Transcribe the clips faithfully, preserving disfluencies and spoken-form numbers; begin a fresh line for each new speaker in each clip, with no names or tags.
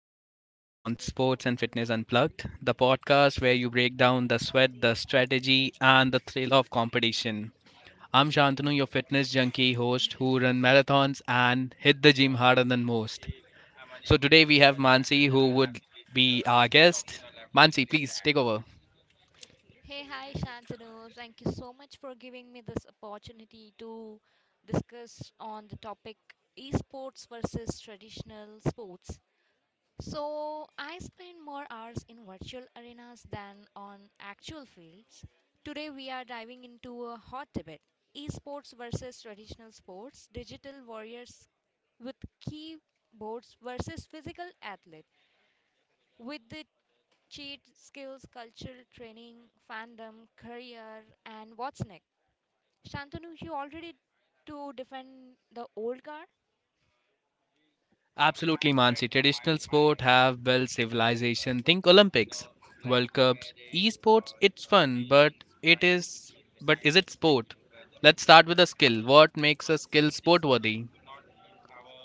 back to Games on Sports and Fitness Unplugged, the podcast where you break down the sweat, the strategy, and the thrill of competition. I'm Shantanu, your fitness junkie host who run marathons and hit the gym harder than most. So today we have Mansi, who would be our guest. Mansi, please take over.
Hey, hi, Shantanu. Thank you so much for giving me this opportunity to discuss on the topic esports versus traditional sports. So, I spend more hours in virtual arenas than on actual fields. Today, we are diving into a hot debate esports versus traditional sports, digital warriors with keyboards versus physical athlete with the cheat, skills, cultural training, fandom, career, and what's next? Shantanu, you already to defend the old guard?
Absolutely, Mansi. Traditional sport have built civilization. Think Olympics, World Cups, esports. It's fun, but it is. But is it sport? Let's start with a skill. What makes a skill sport worthy?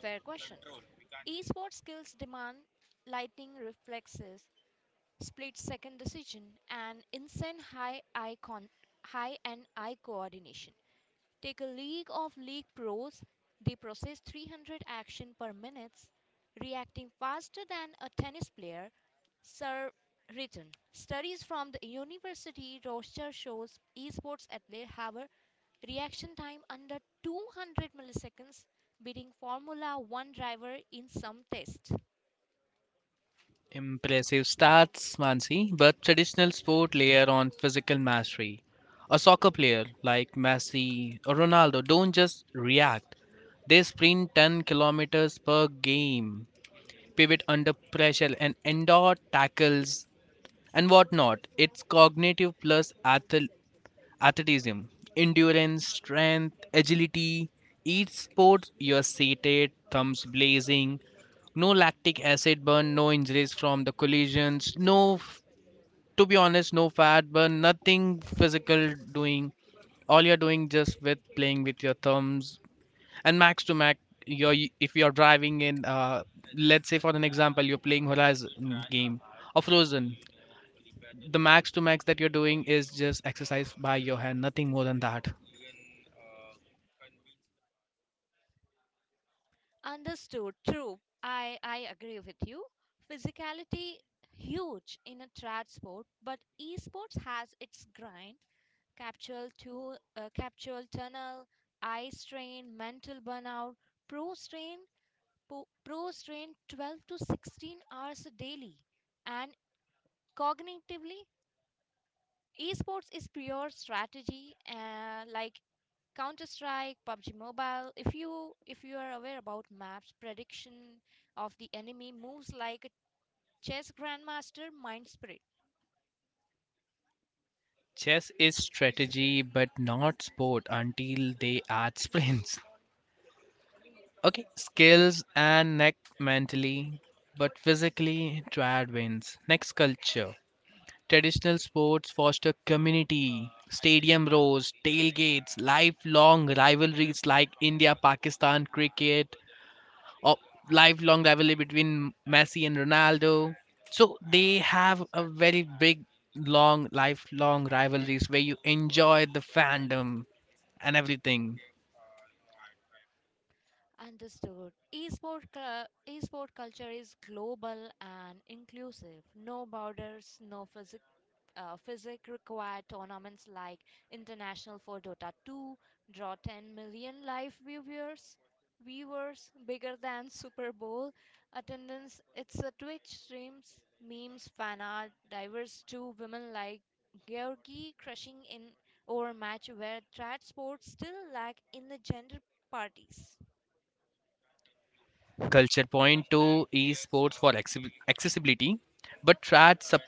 Fair question. Esports skills demand lightning reflexes, split second decision, and insane high eye con- high and eye coordination. Take a league of league pros. They process three hundred action per minute, reacting faster than a tennis player. Sir written. Studies from the University Rochester shows esports athletes have a reaction time under two hundred milliseconds, beating Formula one driver in some tests.
Impressive stats, Mansi. But traditional sport layer on physical mastery. A soccer player like Messi or Ronaldo don't just react. They sprint ten kilometers per game, pivot under pressure, and endure tackles and whatnot. It's cognitive plus athl- athleticism, endurance, strength, agility. Each sport, you're seated, thumbs blazing, no lactic acid burn, no injuries from the collisions, no, f- to be honest, no fat burn, nothing physical doing. All you're doing just with playing with your thumbs and max to max. You're, if you're driving in, uh, let's say for an example, you're playing Horizon game or Frozen, the max to max that you're doing is just exercise by your hand, nothing more than that.
Understood. True. I, I agree with you. Physicality huge in a trad sport, but esports has its grind. Capsule, tu- uh, capsule tunnel, eye strain, mental burnout, pro strain, po- pro strain twelve to sixteen hours daily. And cognitively, esports is pure strategy uh, like Counter Strike, PUBG Mobile. If you if you are aware about maps, prediction of the enemy moves like a chess grandmaster mind spirit.
Chess is strategy, but not sport until they add sprints. Okay, skills and neck mentally, but physically, triad wins. Next, culture. Traditional sports foster community, stadium rows, tailgates, lifelong rivalries like India Pakistan cricket, or lifelong rivalry between Messi and Ronaldo. So they have a very big, long, lifelong rivalries where you enjoy the fandom and everything.
Understood. Esport, cu- esport culture is global and inclusive. No borders, no physic, uh, physic required tournaments like International for Dota two draw ten million live viewers, viewers bigger than Super Bowl attendance. It's a Twitch streams, memes, fan art, diverse to women like Georgie crushing in over match where trad sports still lack in the gender parties.
Culture point two is sports for accessi- accessibility, but trad sub-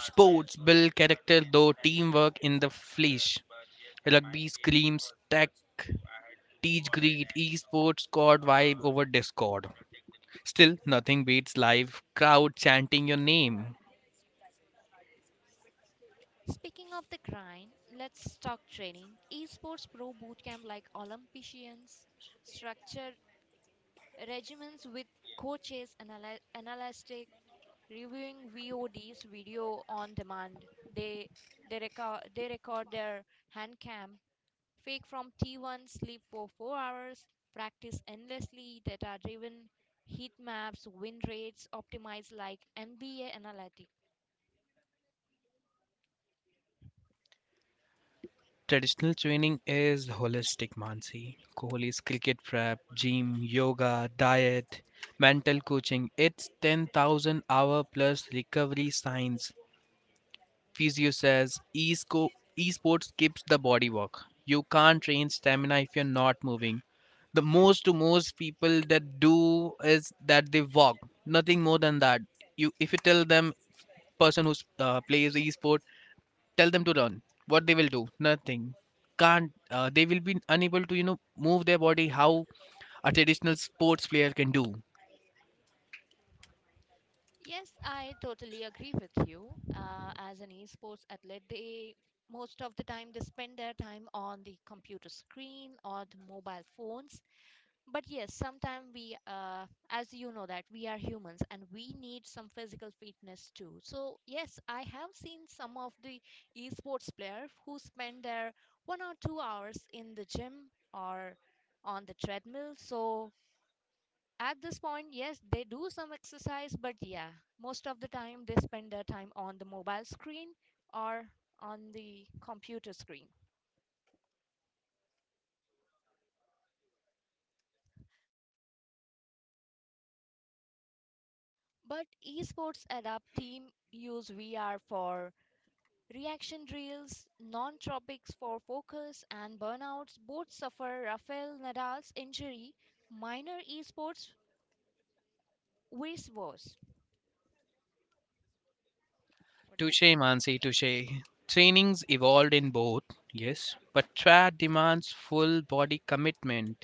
sports build character though teamwork in the flesh. Rugby screams tech, teach greed, esports squad vibe over Discord. Still, nothing beats live crowd chanting your name.
Speaking of the grind, let's talk training. Esports Pro Bootcamp, like Olympians, structured regimens with coaches, anal- analytic, reviewing V O Ds, video on demand. They they record they record their hand cam, fake from T one, sleep for four hours, practice endlessly, data driven heat maps, win rates, optimized like N B A analytics.
Traditional training is holistic, Mansi. Kohli is cricket prep, gym, yoga, diet, mental coaching. It's ten thousand hour plus recovery science. Physio says e-sco- e-sports skips the body work. You can't train stamina if you're not moving. The most to most people that do is that they walk. Nothing more than that. You, if you tell them person who uh, plays e-sport, tell them to run, what they will do? Nothing. Can't, uh, they will be unable to, you know, move their body how a traditional sports player can do.
Yes, I totally agree with you. Uh, as an esports athlete, they most of the time they spend their time on the computer screen or the mobile phones. But yes, sometimes we, uh, as you know, that we are humans and we need some physical fitness too. So yes, I have seen some of the esports player who spend their one or two hours in the gym or on the treadmill. So at this point, yes, they do some exercise, but yeah, most of the time they spend their time on the mobile screen or on the computer screen. But esports adapt team use V R for reaction drills, non tropics for focus, and burnouts. Both suffer Rafael Nadal's injury. Minor esports, vice versa. What does?
Touche, Mansi, touche. Trainings evolved in both, yes, but trad demands full body commitment.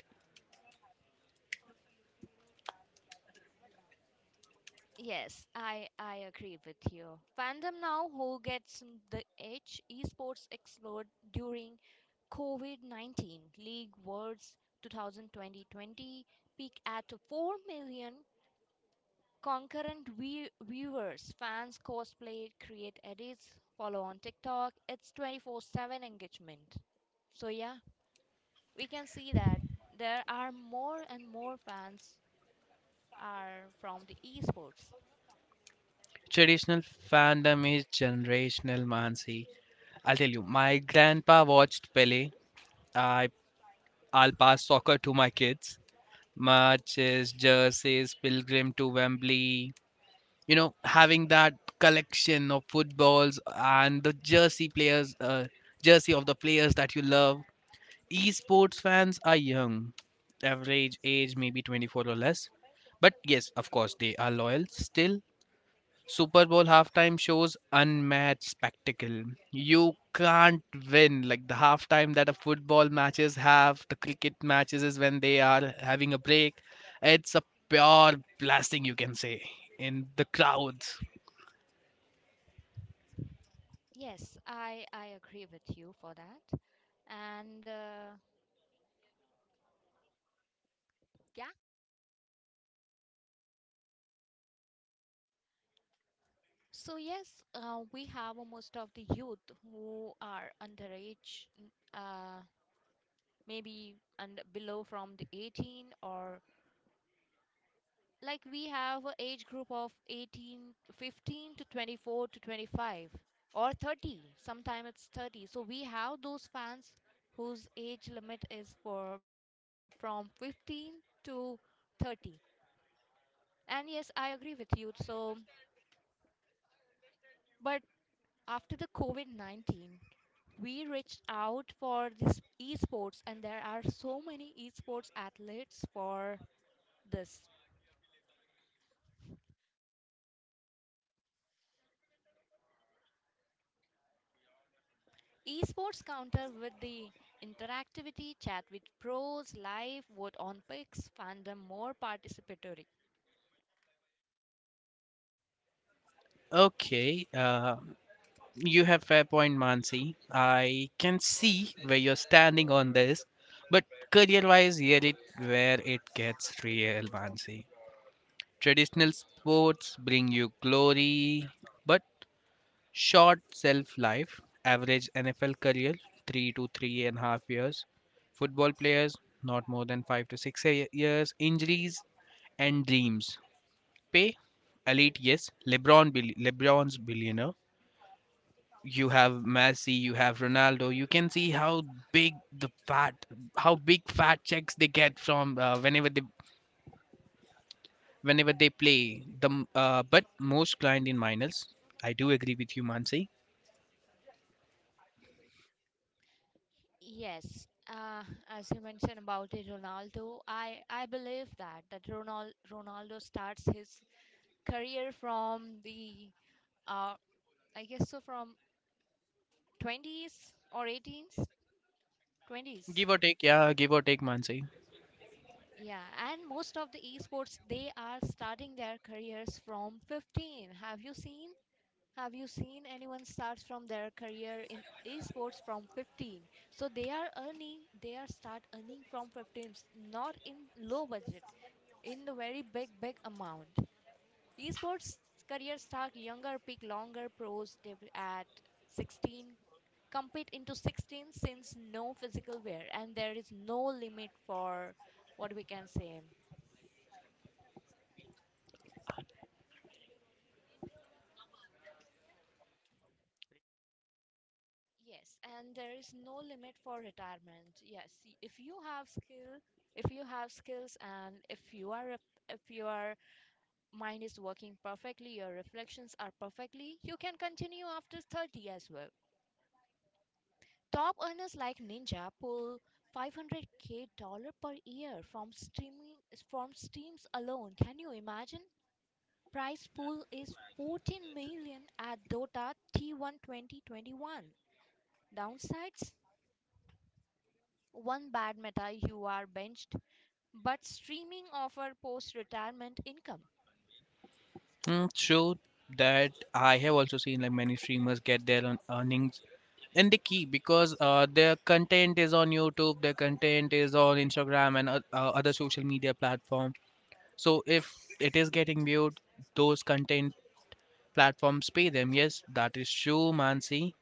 Yes, I, I agree with you. Fandom now who gets m- the edge? Esports explored during COVID nineteen. League Worlds two thousand twenty peak at four million concurrent view- viewers. Fans cosplay, create edits, follow on TikTok. It's twenty-four seven engagement. So yeah, we can see that there are more and more fans are from the esports.
Traditional fandom is generational, Mansi. I'll tell you, my grandpa watched Pele. I, I'll pass soccer to my kids. Marches, jerseys, pilgrim to Wembley. You know, having that collection of footballs and the jersey players, uh, jersey of the players that you love. Esports fans are young, average age maybe 24 or less, but yes, of course, they are loyal. Still, Super Bowl halftime shows unmatched spectacle. You can't win like the halftime that a football matches have, the cricket matches is when they are having a break. It's a pure blasting, you can say, in the crowd.
Yes, I I agree with you for that. And uh, yeah, so yes, uh, we have most of the youth who are underage, n- uh, maybe and below from the eighteen, or like we have a age group of eighteen, fifteen to twenty-four to twenty-five or thirty. Sometime it's thirty. So we have those fans whose age limit is for from fifteen to thirty. And yes, I agree with you. So, but after the COVID nineteen, we reached out for this esports, and there are so many esports athletes for this. Esports counter with the interactivity, chat with pros, live, vote on picks, fandom more participatory.
Okay, uh, you have fair point, Mansi. I can see where you're standing on this, but career-wise, here it where it gets real, Mansi. Traditional sports bring you glory, but short shelf life. Average N F L career, three to three and a half years. Football players, not more than five to six ye- years. Injuries and dreams. Pay elite, yes. LeBron, bill- LeBron's billionaire. You have Messi, you have Ronaldo. You can see how big the fat, how big fat checks they get from uh, whenever they whenever they play. The m- uh, but most client in minors. I do agree with you, Mansi.
Yes, uh, as you mentioned about it, Ronaldo, I, I believe that that Ronald, Ronaldo starts his career from the uh, I guess so from twenties or eighteens, twenties.
Give or take, yeah, give or take, Mansi.
Yeah, and most of the esports they are starting their careers from fifteen. Have you seen? Have you seen anyone starts from their career in esports from fifteen? So they are earning, they are start earning from fifteen, not in low budget, in the very big big amount. These sports careers start younger, pick longer pros deb- at sixteen, compete into sixteen since no physical wear, and there is no limit for what we can say. Yes, and there is no limit for retirement. Yes, y- if you have skill, if you have skills, and if you are a if your mind is working perfectly, your reflections are perfectly, you can continue after thirty as well. Top earners like Ninja pull five hundred k dollar per year from streaming from streams alone. Can you imagine? Prize pool is fourteen million at Dota T one twenty twenty-one. Downsides: one bad meta you are benched, but streaming offer post retirement income.
Mm, so that I have also seen like many streamers get their own earnings and the key, because uh, their content is on YouTube, their content is on Instagram and uh, uh, other social media platform. So if it is getting viewed, those content platforms pay them. Yes, that is true, Mansi.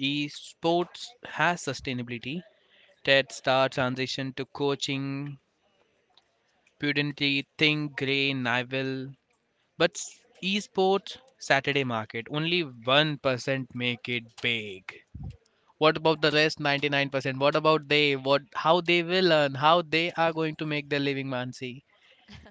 Esports has sustainability. TED Star transition to coaching, Pudently, Think Grey, Nivel. But s- esports Saturday market, only one percent make it big. What about the rest ninety-nine percent? What about they? What how they will earn, how they are going to make their living, Mansi?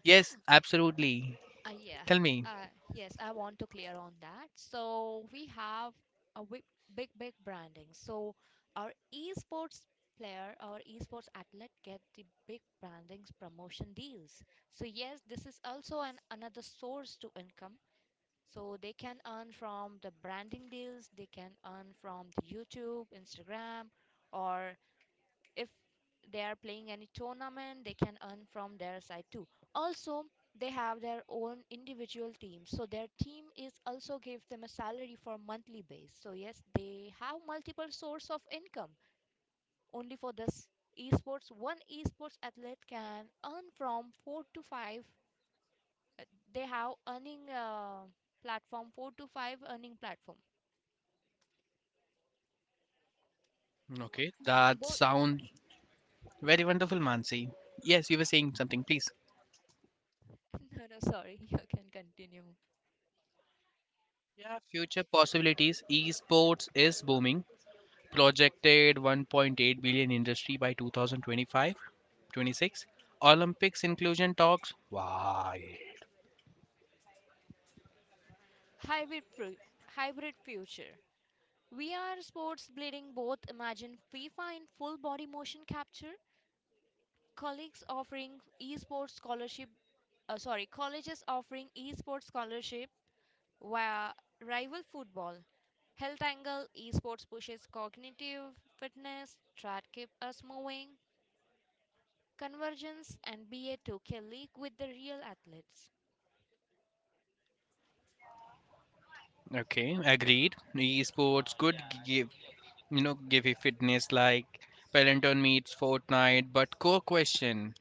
Yes, absolutely.
Uh, yeah.
Tell me.
Uh, yes, I want to clear on that. So we have a big, big, big branding. So our esports player, our esports athlete get the big brandings promotion deals. So yes, this is also an another source to income. So they can earn from the branding deals. They can earn from the YouTube, Instagram, or if they are playing any tournament they can earn from their side too. Also, they have their own individual team, so their team is also give them a salary for monthly base, so yes they have multiple source of income only for this esports. One esports athlete can earn from four to five, uh, they have earning uh, platform, four to five earning platform
Okay, that
both.
sounds very wonderful, Mansi. Yes, you were saying something, please.
No, no, sorry. You can continue.
Yeah, future possibilities. Esports is booming. Projected one point eight billion industry by twenty twenty-five, twenty-six. Olympics inclusion talks. Why?
Hybrid fu- hybrid future V R sports blending both, imagine FIFA in full body motion capture, colleagues offering esports scholarship, uh, sorry, colleges offering esports scholarship via rival football. Health angle esports pushes cognitive fitness, try keep us moving, convergence, and B A two K league with the real athletes.
Okay, agreed. Esports could give, you know, give a fitness like Peloton meets Fortnite. But core question.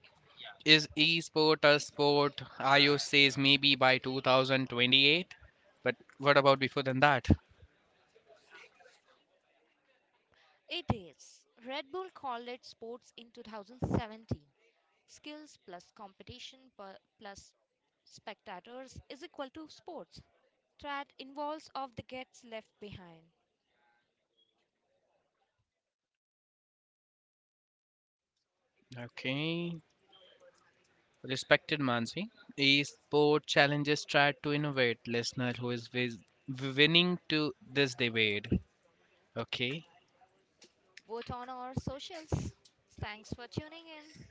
Is esport a sport? I O says maybe by two thousand twenty-eight, but what about before than that?
It is. Red Bull called it sports in two thousand seventeen. Skills plus competition pu- plus spectators is equal to sports. Trad involves of the gets left behind.
Okay. Respected Mansi, esport challenges tried to innovate. Listener who is vis- winning to this debate. Okay.
Vote on our socials. Thanks for tuning in.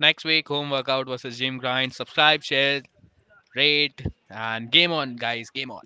Next week, home workout versus gym grind. Subscribe, share, rate, and game on, guys. Game on.